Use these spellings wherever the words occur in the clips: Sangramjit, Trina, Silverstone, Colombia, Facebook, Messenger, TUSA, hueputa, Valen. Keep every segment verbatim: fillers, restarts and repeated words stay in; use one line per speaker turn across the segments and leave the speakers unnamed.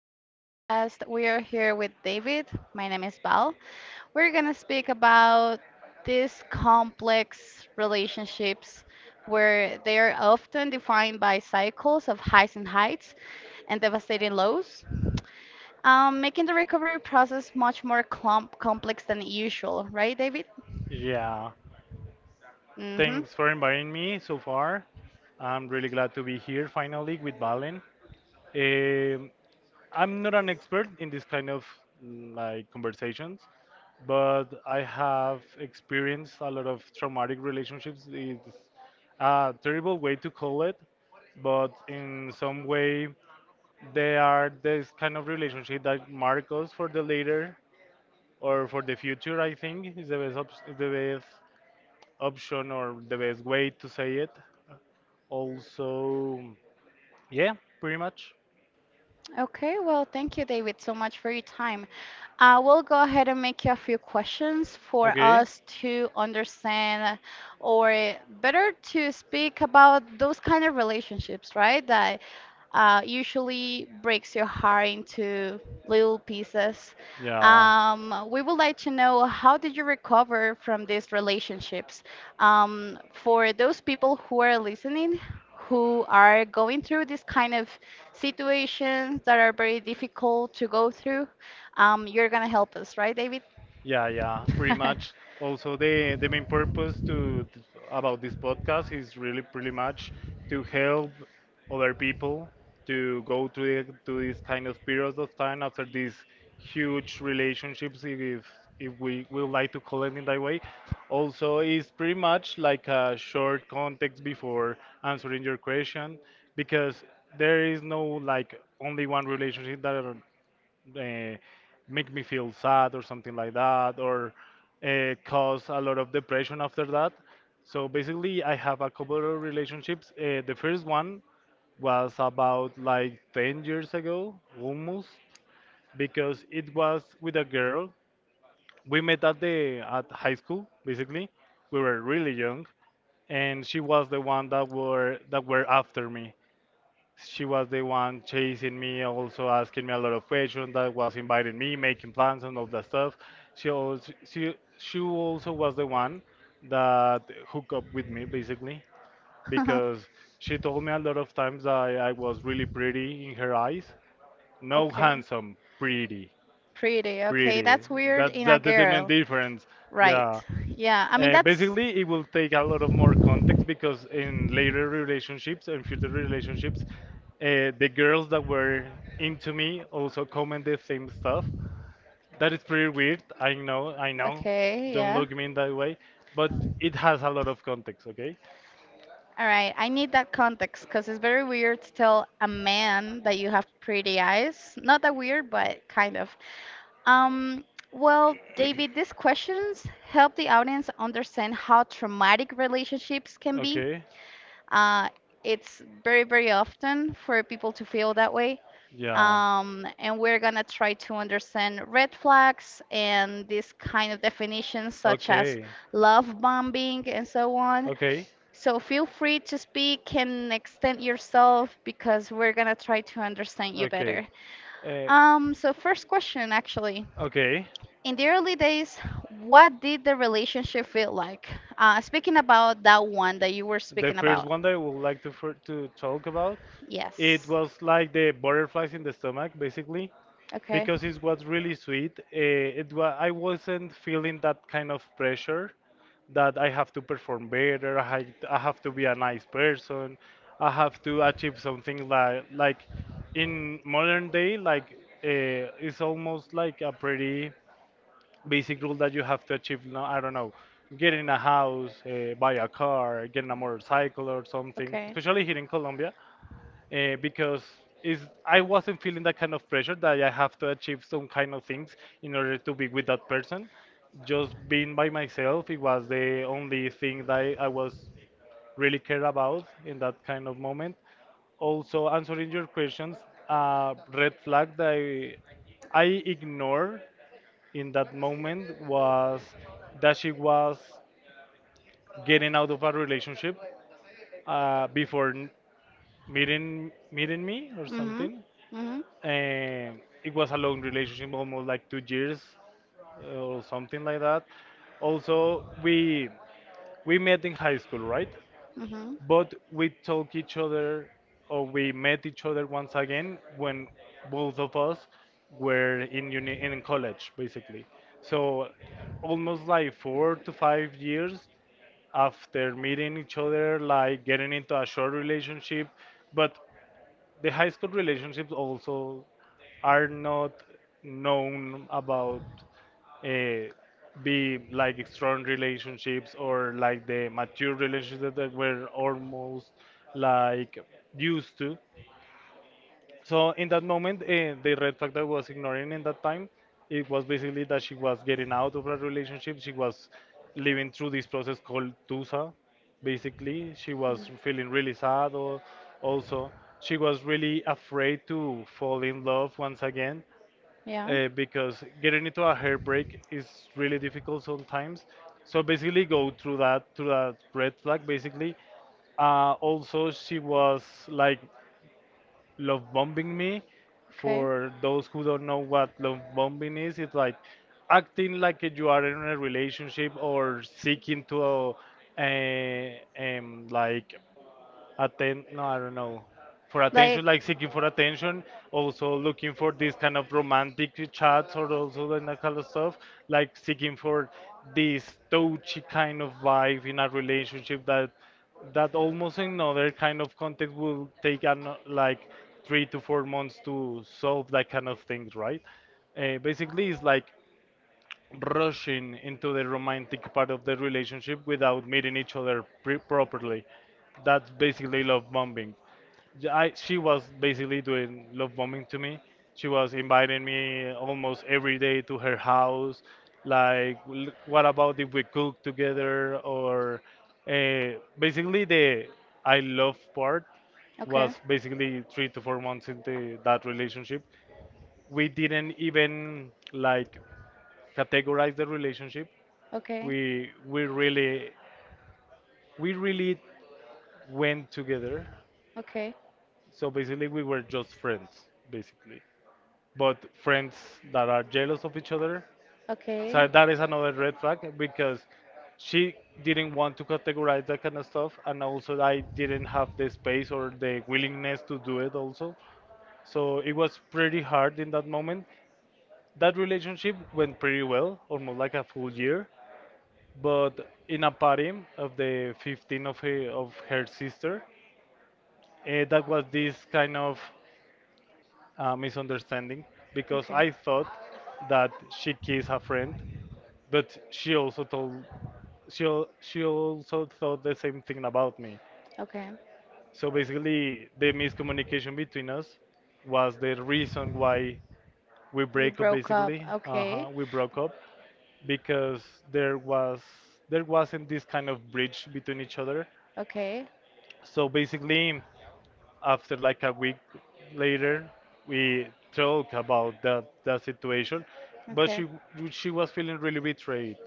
this podcast. We are here with David. My name is Val. We're going to speak about these complex relationships where they are often defined by cycles of highs and heights and devastating lows, um, making the recovery process much more clump- complex than usual, right, David?
Yeah,
Mm-hmm.
thanks for inviting me so far. I'm really glad to be here finally with Valen. Um, I'm not an expert in this kind of mm, like conversations, but I have experienced a lot of traumatic relationships. It's a terrible way to call it, but in some way they are this kind of relationship that mark us for the later or for the future. I think is the best op- the best option or the best way to say it. Also, yeah, pretty much.
Okay, well, thank you, David, so much for your time. I will go ahead and make you a few questions for
Okay.
us to understand or better to speak about those kind of relationships, right? That uh, usually breaks your heart into little pieces.
Yeah.
Um, we would like to know how did you recover from these relationships? Um, for those people who are listening, who are going through this kind of situations that are very difficult to go through. Um, you're going to help us, right, David?
Yeah, yeah, pretty much. Also, the the main purpose to th- about this podcast is really pretty much to help other people to go through the, to these kind of periods of time after these huge relationships, if if we would like to call it in that way. Also, is pretty much like a short context before answering your question, because there is no like only one relationship that uh, make me feel sad or something like that, or uh, cause a lot of depression after that. So basically, I have a couple of relationships. Uh, the first one was about like ten years ago, almost, because it was with a girl. We met at the at high school, basically. We were really young, and she was the one that were that were after me. She was the one chasing me, also asking me a lot of questions. That was inviting me, making plans and all that stuff. She also she she also was the one that hooked up with me basically because she told me a lot of times that I, I was really pretty in her eyes. No,
Okay.
handsome, pretty,
Pretty, okay.
pretty.
That's weird
That
in a
that the main
girl.
difference.
Right.
Yeah,
Yeah, I mean,
uh,
that's.
basically, it will take a lot of more context because in later relationships and future relationships, uh, the girls that were into me also comment the same stuff. That is pretty weird. I know, I know.
Okay,
Don't
yeah.
look me in that way, but it has a lot of context. Okay.
All right, I need that context because it's very weird to tell a man that you have pretty eyes. Not that weird, but kind of. Um, well, David, these questions help the audience understand how traumatic relationships can be.
Okay.
Uh, it's very, very often for people to feel that way.
Yeah.
Um, and we're going to try to understand red flags and these kind of definitions, such as
Okay.
love bombing and so on.
Okay.
So feel free to speak and extend yourself because we're going to try to understand you
Okay.
better.
Uh,
Um, so, first question actually.
okay.
In the early days, what did the relationship feel like? Uh, speaking about that one that you were
The
speaking
first
about.
one that I would like to fir- to talk about, it
Yes.
was like the butterflies in the stomach, basically,
Okay.
because it was really sweet. Uh, it wa- I wasn't feeling that kind of pressure that I have to perform better, I, I have to be a nice person, I have to achieve something like like in modern day, like uh, it's almost like a pretty basic rule that you have to achieve. No, I don't know, get in a house, uh, buy a car, get in a motorcycle or something.
Okay.
Especially here in Colombia, uh, because is I wasn't feeling that kind of pressure that I have to achieve some kind of things in order to be with that person. Just being by myself, it was the only thing that I, I was really cared about in that kind of moment. Also, answering your questions, uh, red flag that I, I ignore in that moment was that she was getting out of a relationship uh, before n- meeting meeting me or
Mhm.
something.
Mhm.
Um, it was a long relationship, almost like two years uh, or something like that. Also, we we met in high school, right?
Mhm.
But we talk each other, or we met each other once again when both of us were in uni in college, basically. So almost like four to five years after meeting each other, like getting into a short relationship, but the high school relationships also are not known about uh, be like strong relationships or like the mature relationships that we're almost like used to. So in that moment, uh, the red flag that I was ignoring in that time, it was basically that she was getting out of a relationship. She was living through this process called TUSA. Basically, she was feeling really sad. Or also, she was really afraid to fall in love once again
Yeah.
uh, because getting into a heartbreak is really difficult sometimes. So basically, go through that through that red flag basically. uh, also she was like love bombing me.
Okay.
For those who don't know what love bombing is, it's like acting like you are in a relationship or seeking to uh, um, like atten no i don't know for attention,
Like,
like seeking for attention, also looking for this kind of romantic chats or also in that kind of stuff, like seeking for this touchy kind of vibe in a relationship that that almost in other kind of context will take an, like three to four months to solve that kind of things, right? uh, basically it's like rushing into the romantic part of the relationship without meeting each other pre- properly. That's basically love bombing. J- I, she was basically doing love bombing to me. She was inviting me almost every day to her house. Like, "L- what about if we cook together?" Or uh, basically, the I love part was
okay.
basically three to four months into that relationship. We didn't even like categorize the relationship.
Okay.
We we really we really went together.
Okay.
So basically we were just friends basically, but friends that are jealous of each other. So
Okay.
that is another red flag because she didn't want to categorize that kind of stuff, and also I didn't have the space or the willingness to do it also. So it was pretty hard in that moment. That relationship went pretty well almost like a full year, but in a party of the fifteen of her, of her sister, uh, that was this kind of uh, misunderstanding because
Okay.
I thought that she kissed a friend, but she also told she al- she also thought the same thing about me.
Okay.
So basically, the miscommunication between us was the reason why we
You
break up.
broke up.
Basically,
Okay.
uh-huh, we broke up because there was there wasn't this kind of bridge between each other.
Okay.
So basically, after like a week later we talked about that that situation, but
Okay.
she she was feeling really betrayed.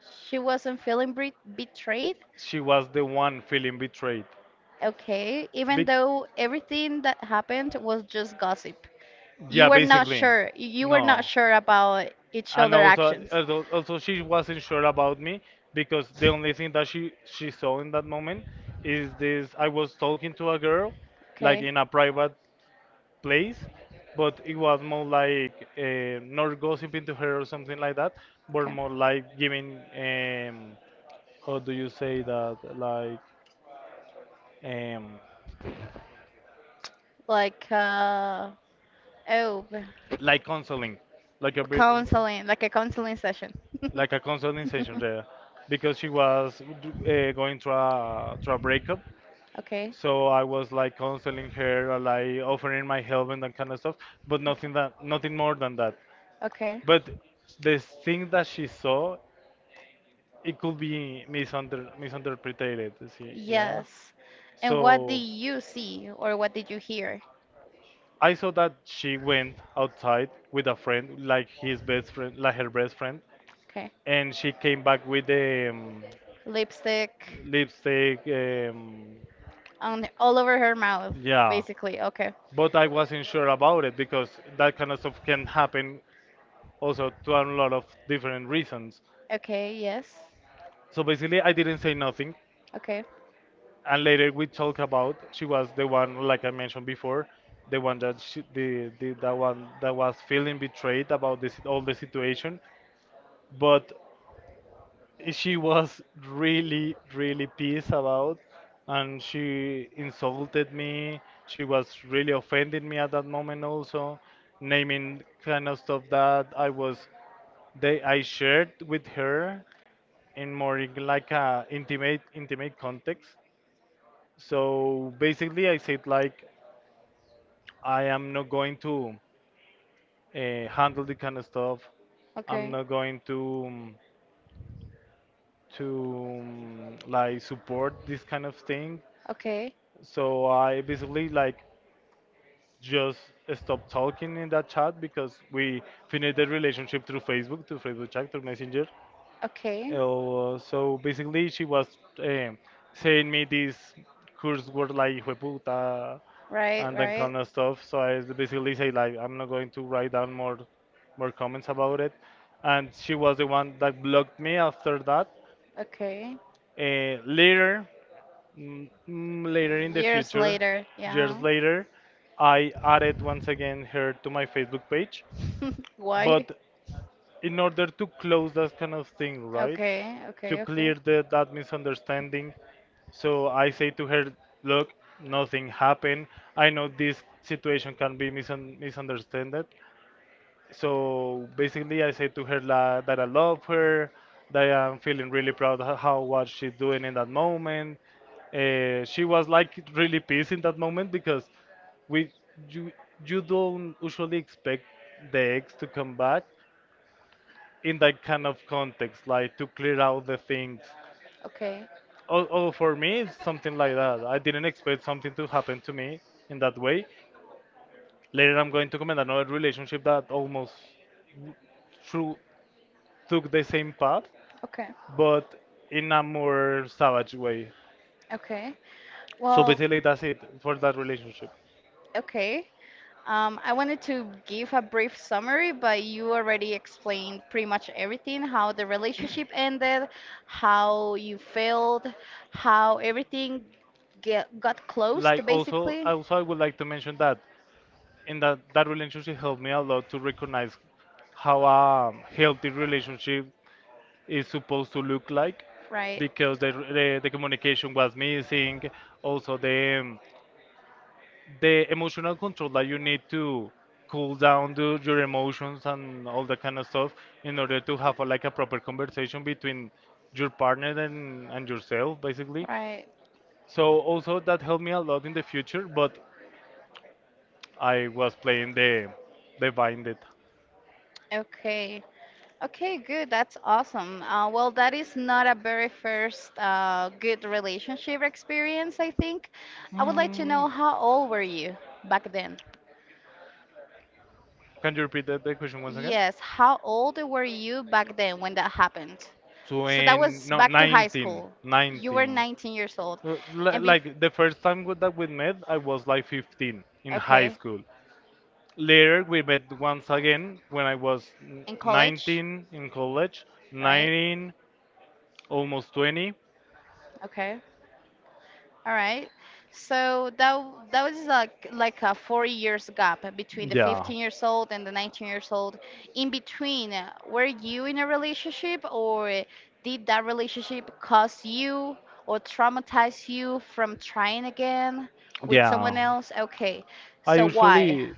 She wasn't feeling bre- betrayed.
She was the one feeling betrayed.
Okay. Even
Be-
though everything that happened was just gossip. You
yeah,
were not
basically,
sure. You were not
no.
sure about each
And
other
also,
actions.
also also she wasn't sure about me, because the only thing that she she saw in that moment is this: I was talking to a girl, like
Okay.
in a private place, but it was more like uh, not gossiping to her or something like that, but
Okay.
more like giving um, how do you say that, like um,
Like uh, oh.
like counseling, like a bit,
Counseling, like a counseling session.
like a counseling session there, because she was uh, going through a, through a breakup.
Okay.
So I was like counseling her, or like offering my help and that kind of stuff, but nothing that nothing more than that.
Okay.
But the thing that she saw, it could be misunder misinterpreted. See, yeah.
Yes. And what did
So
you see or what did you hear?
I saw that she went outside with a friend, like his best friend, like her best friend,
Okay.
and she came back with the um,
Lipstick
lipstick. Um,
on all over her mouth,
yeah,
basically. Okay.
but I wasn't sure about it because that kind of stuff can happen also to a lot of different reasons.
Okay, yes.
So basically, I didn't say nothing,
Okay,
and later we talk about. She was the one, like I mentioned before, the one that she, the, the that one that was feeling betrayed about this all the situation. But she was really, really pissed about, and she insulted me. She was really offending me at that moment, also naming kind of stuff that I was they I shared with her in more in like a intimate intimate context. So basically I said like, I am not going to uh, handle the kind of stuff. I'm
okay,
not going to um, to um, like support this kind of thing.
okay,
So I basically like just stopped talking in that chat because we finished the relationship through Facebook, through Facebook chat, through Messenger.
okay.
Uh, so basically, she was um, saying me these curse words like "hueputa"
Right,
and that
right.
kind of stuff. So I basically say like, I'm not going to write down more more comments about it. And she was the one that blocked me after that.
Okay.
Uh, later, mm, mm, later in the
Years
future,
later, yeah.
years later, I added once again her to my Facebook page.
Why?
But in order to close that kind of thing, right?
Okay,
To
okay,
clear
okay.
the, that misunderstanding. So I say to her, look, nothing happened. I know this situation can be misun misunderstood. So basically, I say to her la, that I love her, that I'm feeling really proud of how what she's doing in that moment. Uh, she was like really pissed in that moment because we you you don't usually expect the ex to come back in that kind of context, like to clear out the things.
Okay,
Oh, oh, for me, it's something like that. I didn't expect something to happen to me in that way. Later, I'm going to comment another relationship that almost w- through, took the same path,
okay.
but in a more savage way.
Okay.
So
Well,
basically, that's it for that relationship.
okay. Um, I wanted to give a brief summary, but you already explained pretty much everything, how the relationship ended, how you failed, how everything get, got closed,
Like also,
basically.
also I would like to mention that in that that relationship helped me a lot to recognize how a healthy relationship is supposed to look like
Right.
because the, the, the communication was missing, also the um, the emotional control that you need to cool down the, your emotions and all that kind of stuff in order to have a, like a proper conversation between your partner and, and yourself, basically.
Right.
So also that helped me a lot in the future, but I was playing the the binded.
Okay. Okay, good. That's awesome. Uh, well, that is not a very first uh, good relationship experience, I think. I would like to
mm.
know how old were you back then?
Can you repeat that the question once again?
Yes, how old were you back then when that happened? So that
twenty,
was
no,
back to high
nineteen,
school. You were
nineteen.
nineteen years old.
Uh, li-
And bef
Like the first time with- that we met, I was like fifteen in high
okay,
school. Later, we met once again when I was n-
in college,
nineteen in college,
right?
nineteen, almost twenty.
Okay. All right. So that w- that was like like a four years gap between the
Yeah,
fifteen years old and the nineteen years old. In between, uh, were you in a relationship or did that relationship cause you or traumatize you from trying again with
yeah.
someone else? Okay.
I
So why?
usually,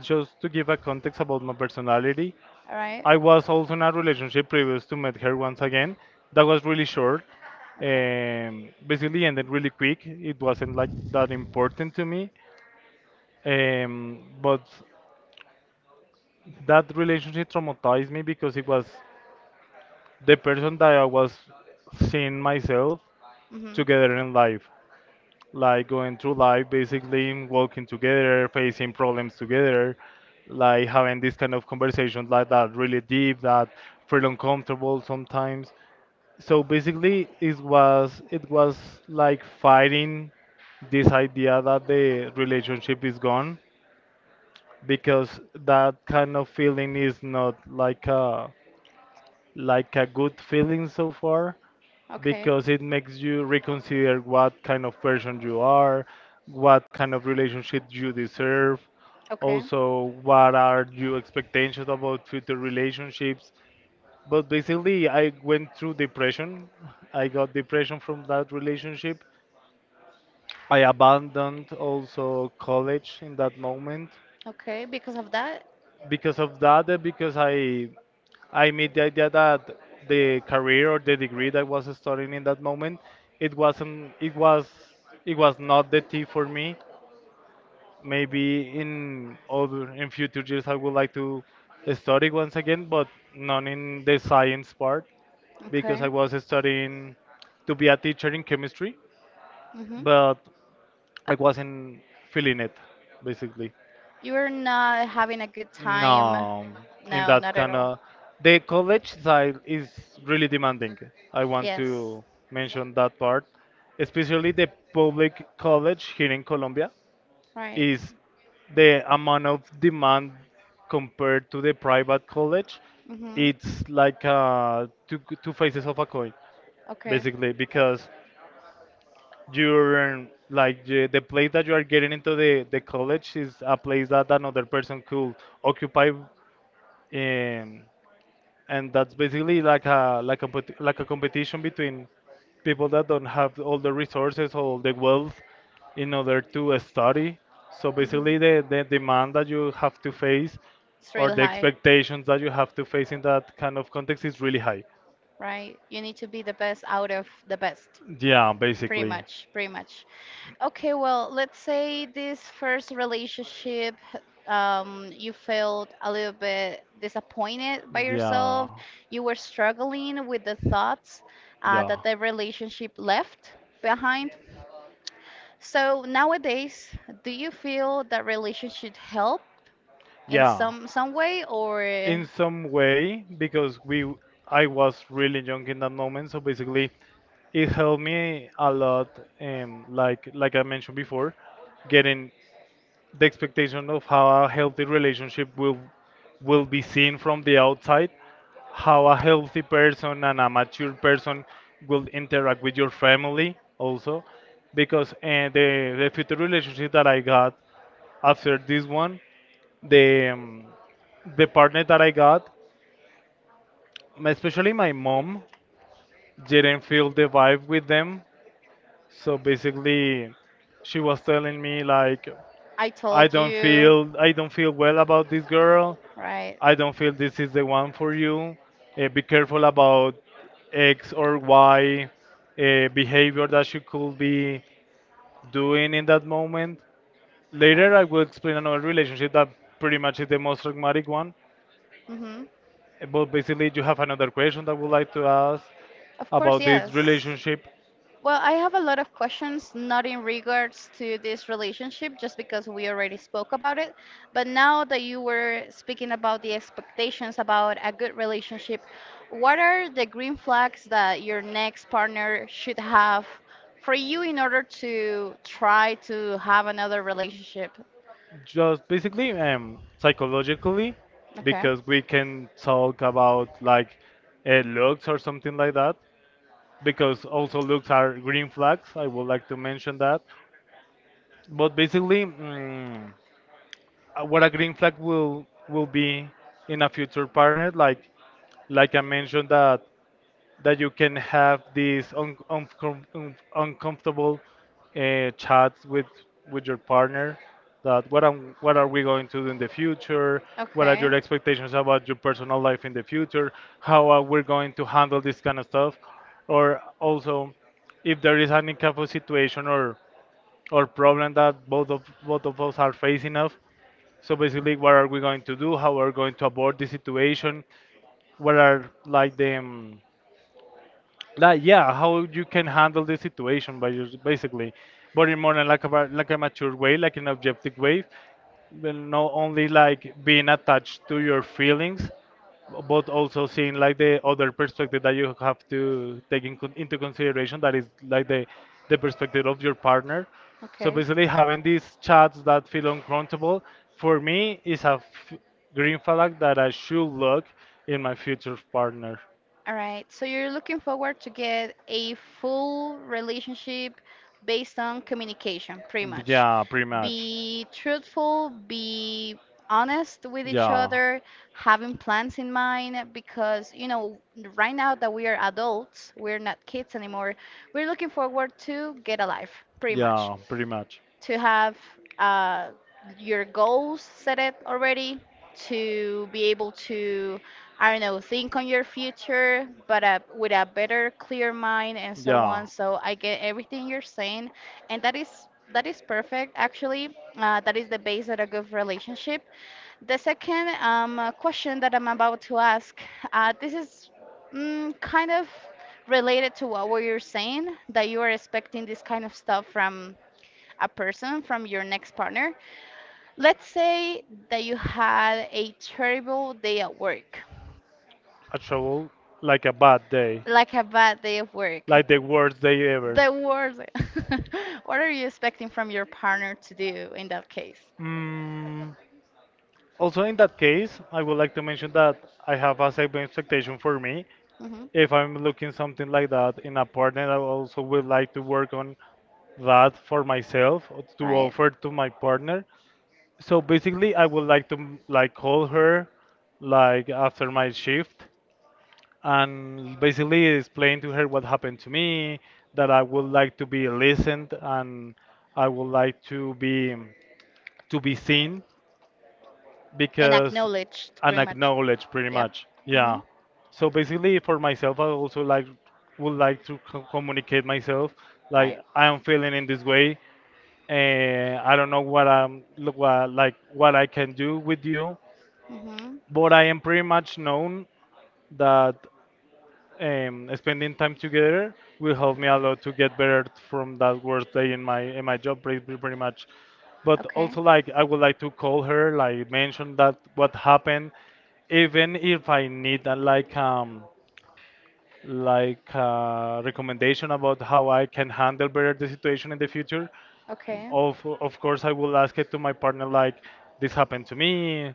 just to give a context about my personality,
All right.
I was also in a relationship previous to met her once again. That was really short.
Okay.
Um, basically ended really quick. It wasn't like that important to me. Um, but that relationship traumatized me because it was the person that I was seeing myself
Mhm.
together in life. Like going through life, basically walking together, facing problems together, like having this kind of conversations like that, really deep, that feel uncomfortable sometimes. So basically it was it was like fighting this idea that the relationship is gone because that kind of feeling is not like a like a good feeling so far,
Okay.
because it makes you reconsider what kind of person you are, what kind of relationship you deserve,
Okay.
also what are your expectations about future relationships. But basically, I went through depression. I got depression from that relationship. I abandoned also college in that moment
Okay. Because of that?
because of that, and because I I made the idea that the career or the degree that I was studying in that moment, it wasn't it was it was not the T for me. Maybe in other in future years I would like to study once again, but not in the science part, because I
Okay.
was studying to be a teacher in chemistry,
Mm-hmm.
but I wasn't feeling it, basically.
You were not having a good time.
No, in
No,
that
not at
kind
all.
of the college side is really demanding. I want
Yes.
to mention that part, especially the public college here in Colombia
Right.
is the amount of demand compared to the private college.
Mm-hmm.
It's like uh, two two faces of a coin,
Okay.
basically, because you're like the, the place that you are getting into the, the college is a place that another person could occupy, um, and that's basically like a like a compet- like a competition between people that don't have all the resources or the wealth in order to study. So basically
Mm-hmm.
the, the demand that you have to face
It's
or
real
the
high.
expectations that you have to face in that kind of context is really high.
Right? You need to be the best out of the best,
Yeah,
pretty
basically.
much, pretty much. Okay, well, let's say this first relationship, um, you felt a little bit disappointed by yourself.
Yeah,
You were struggling with the thoughts uh,
yeah.
that the relationship left behind. So nowadays, do you feel that relationship help in
Yeah,
some some way or?
in some way, because we I was really young in that moment, so basically it helped me a lot. Um, like like I mentioned before, getting the expectation of how a healthy relationship will will be seen from the outside, how a healthy person and a mature person will interact with your family also, because uh, the the future relationship that I got after this one, the um, the partner that I got, my- especially my mom, didn't feel the vibe with them. So basically, she was telling me like,
I
I
told
don't
you,
feel I don't feel well about this girl.
right?
I don't feel this is the one for you. Uh, be careful about X or Y uh, behavior that you could be doing in that moment. Later, I will explain another relationship that pretty much is the most pragmatic one.
Mm-hmm.
Uh, But basically, you have another question that I would like to ask
Of course,
about this
yes.
relationship,
Well, I have a lot of questions, not in regards to this relationship, just because we already spoke about it. But now that you were speaking about the expectations about a good relationship, what are the green flags that your next partner should have for you in order to try to have another relationship?
just basically um, psychologically,
Okay.
because we can talk about like uh, looks or something like that, because also looks are green flags. I would like to mention that. But basically, mm, uh, what a green flag will will be in a future partner, like like I mentioned, that that you can have these un- uncom- un- uncomfortable uh, chats with with your partner, that what am what are we going to do in the future, what are
Okay.
your expectations about your personal life in the future, how are we going to handle this kind of stuff, or also if there is any kind of situation or or problem that both of both of us are facing of. So basically, what are we going to do, how are we going to abort the situation, what are like the um, like yeah how you can handle the situation by just basically, but in more in like a like a mature way, like an objective way. Well, not only like being attached to your feelings, but also seeing like the other perspective that you have to take in, con- into consideration, that is like the the perspective of your partner. So
Okay.
basically, having these chats that feel uncomfortable for me is a f- green flag that I should look in my future partner.
All right, so you're looking forward to get a full relationship based on communication, pretty much.
Yeah, pretty much.
Be truthful, be honest with each
Yeah.
other, having plans in mind, because, you know, right now that we are adults, we're not kids anymore, we're looking forward to get a life, pretty much
Yeah, pretty much.
to have uh, your goals set it already, to be able to, I don't know, think on your future, but uh, with a better, clear mind and so
Yeah.
on. So I get everything you're saying, and that is that is perfect. Actually, uh, that is the base of a good relationship. The second um, uh, question that I'm about to ask, uh, this is mm, kind of related to what we were saying, that you are expecting this kind of stuff from a person from your next partner. Let's say that you had a terrible day at work,
A trouble like a bad day.
like a bad day of work.
Like the worst day ever.
The worst. What are you expecting from your partner to do in that case?
Mm, also, in that case, I would like to mention that I have a saving expectation for me.
Hmm.
If I'm looking something like that in a partner, I also would like to work on that for myself or to
Right?
offer to my partner. So basically, I would like to like call her like after my shift and basically explain to her what happened to me, that I would like to be listened and I would like to be to be seen
And
because
acknowledged
and
pretty much.
acknowledged pretty
Yep.
much.
Hmm.
Yeah. So basically, for myself, I also like would like to co- communicate myself, like
Right.
I am feeling in this way and I don't know what I'm look what like what I can do with you,
Hmm.
but I am pretty much known that um, spending time together will help me a lot to get better from that worst day in my in my job, pretty, pretty, pretty much. But
Okay.
also like I would like to call her like mention that what happened, even if I need a, like um like uh, recommendation about how I can handle better the situation in the future.
Okay.
of of course I will ask it to my partner like this happened to me,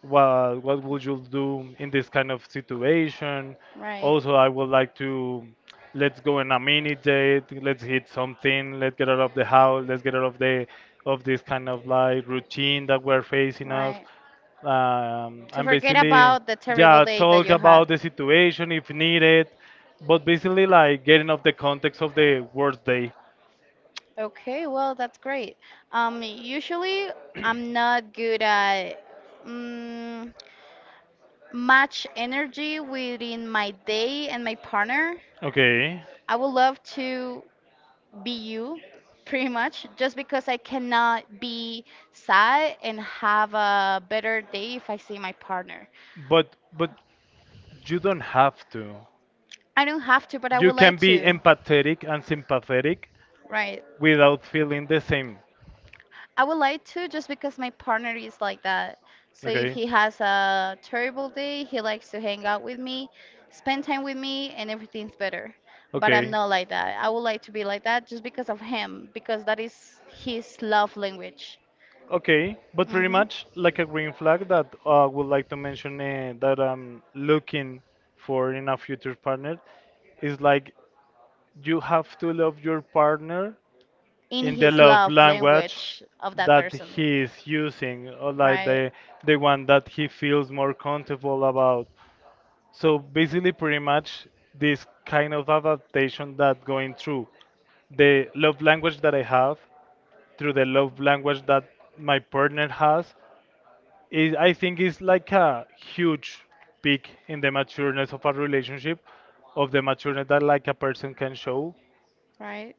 what what would you do in this kind of situation?
Right.
Also, I would like to, let's go on a mini date, let's hit something, let's get out of the house, let's get out of the of this kind of like routine that we're facing of.
Right.
Um,
To
and
forget
basically,
about the terrible
yeah,
day that
talk
you had.
about the situation if needed, but basically like getting off the context of the worst day.
Okay, well, that's great. Um, usually I'm not good at mm, match energy within my day and my partner.
Okay.
I would love to be you pretty much just because I cannot be sad and have a better day if I see my partner.
But but you don't have to.
I don't have to, but I
You
would
can
like
be
to,
empathetic and sympathetic
right?
without feeling the same.
I would like to just because my partner is like that. So if
Okay.
he has a terrible day, he likes to hang out with me, spend time with me, and everything's better. But I'm
Okay.
not like that. I would like to be like that just because of him, because that is his love language.
Okay, but pretty
Hmm.
much like a green flag that I would like to mention, uh, that I'm looking for in a future partner is like you have to love your partner
In
in the
his
love
love
language
language of that
that
person.
he is using, or like
Right,
the the one that he feels more comfortable about. So basically, pretty much, this kind of adaptation that going through the love language that I have through the love language that my partner has is I think is like a huge peak in the matureness of a relationship, of the matureness that like a person can show,
right,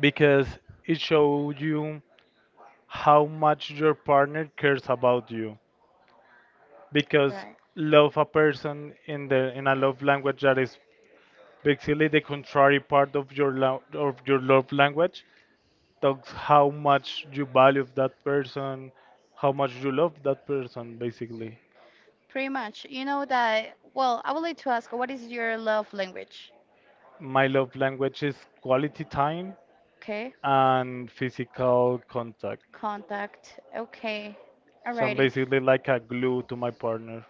because it shows you how much your partner cares about you, because
right.
love a person in the in a love language that is basically the contrary part of your lo- of your love language talks how much you value that person, how much you love that person basically.
Pretty much. You know that, well, I would like to ask what is your love language?
My love language is quality time
Okay.
and physical contact,
Contact. Okay.
so I'm
Alrighty.
basically like a glue to my partner.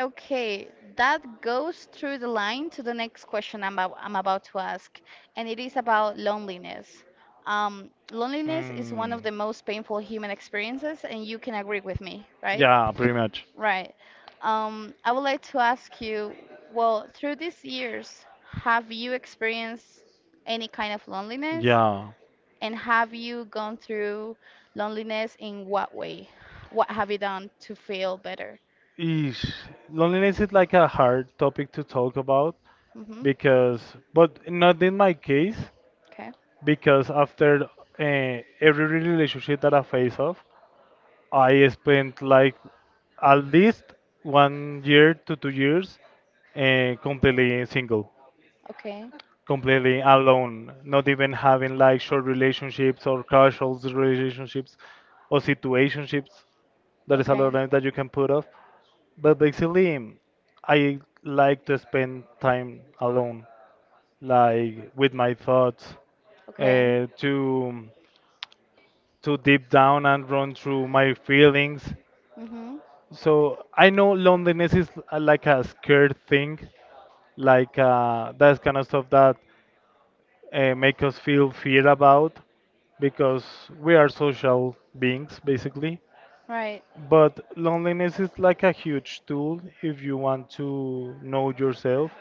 Okay, that goes through the line to the next question I'm about, I'm about to ask, and it is about loneliness. Um, loneliness is one
Mm.
of the most painful human experiences, and you can agree with me, right?
Yeah, pretty much.
Right. Um, I would like to ask you, well, through these years, have you experienced any kind of loneliness?
Yeah.
And have you gone through loneliness in what way? What have you done to feel better?
Eesh. Loneliness is like a hard topic to talk about
Mm-hmm.
because, but not in my case,
Okay.
because after uh, every relationship that I face off, I spent like at least one year to two years uh, completely single,
Okay.
completely alone, not even having like short relationships or casual relationships or situationships. There is a lot of
Okay.
them that you can put off. But basically, I like to spend time alone, like with my thoughts,
Okay.
uh, to to deep down and run through my feelings.
Mm-hmm.
So I know loneliness is uh, like a scared thing, like uh, that's kind of stuff that uh, make us feel fear about because we are social beings basically.
Right.
But loneliness is like a huge tool if you want to know yourself,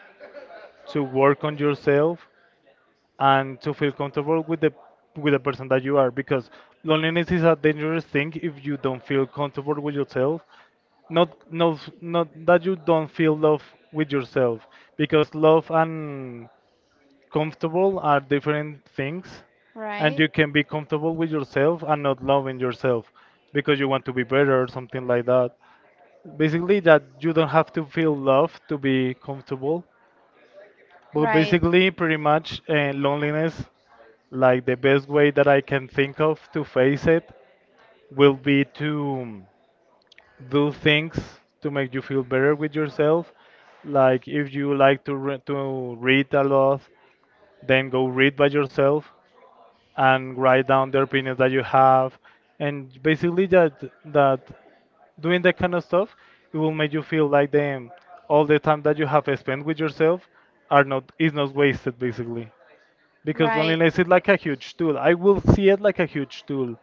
to work on yourself, and to feel comfortable with the with the person that you are, because loneliness is a dangerous thing if you don't feel comfortable with yourself, not not not that you don't feel love with yourself, because love and comfortable are different things, and
Right.
you can be comfortable with yourself and not loving yourself because you want to be better or something like that, basically that you don't have to feel love to be comfortable. But
Right.
basically, pretty much, uh, loneliness, like the best way that I can think of to face it will be to do things to make you feel better with yourself. Like if you like to re- to read a lot, then go read by yourself and write down the opinions that you have, and basically that that doing that kind of stuff, it will make you feel like them all the time that you have spent with yourself are not is not wasted basically, because
Right.
loneliness is like a huge tool. I will see it like a huge tool.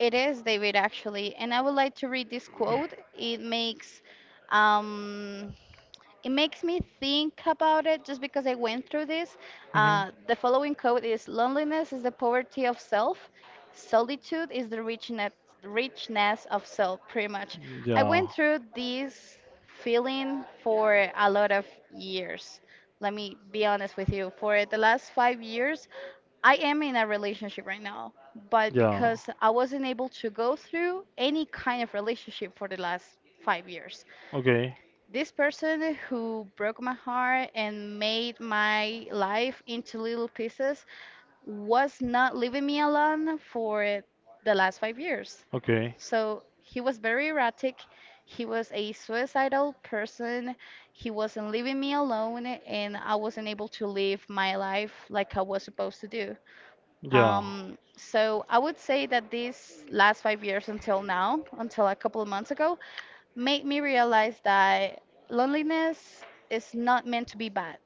It is David, actually. And I would like to read this quote. It makes um, it makes me think about it just because I went through this.
Hmm.
Uh, the following quote is Loneliness is the poverty of self, solitude is the richness, richness of self, pretty much. I
Yeah.
went through this feeling for a lot of years. Let me be honest with you. For the last five years, I am in a relationship right now, but
Yeah.
because I wasn't able to go through any kind of relationship for the last five years.
Okay.
This person who broke my heart and made my life into little pieces was not leaving me alone for the last five years.
Okay.
So he was very erratic. He was a suicidal person. He wasn't leaving me alone, and I wasn't able to live my life like I was supposed to do.
Yeah.
Um, so I would say that these last five years until now, until a couple of months ago, made me realize that loneliness is not meant to be bad.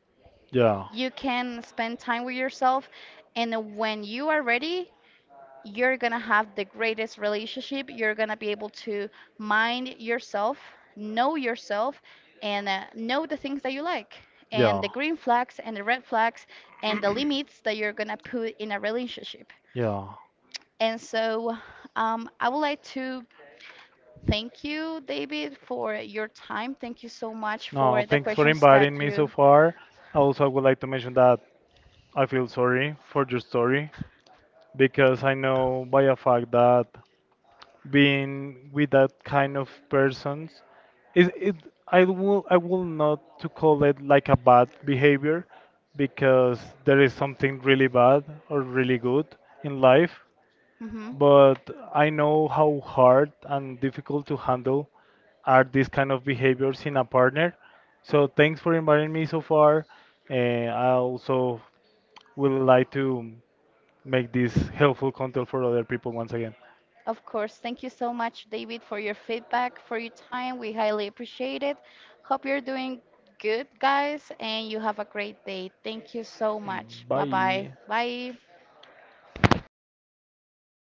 Yeah.
You can spend time with yourself, and when you are ready, you're gonna have the greatest relationship. You're gonna be able to mind yourself, know yourself, and uh, know the things that you like, and
Yeah.
the green flags and the red flags, and the limits that you're gonna put in a relationship.
Yeah.
And so, um, I would like to Thank you, David, for your time. Thank you so much
No,
for the
thanks for
questions
inviting
that
me so
you.
far. Also, I would like to mention that I feel sorry for your story, because I know by a fact that being with that kind of persons it, it I will I will not to call it like a bad behavior because there is something really bad or really good in life,
Mhm.
but I know how hard and difficult to handle are these kind of behaviors in a partner. So thanks for inviting me so far, and I also would like to make this helpful content for other people once again.
Of course. Thank you so much, David, for your feedback, for your time. We highly appreciate it. Hope you're doing good, guys, and you have a great day. Thank you so much. Bye-bye.
Bye.
Bye.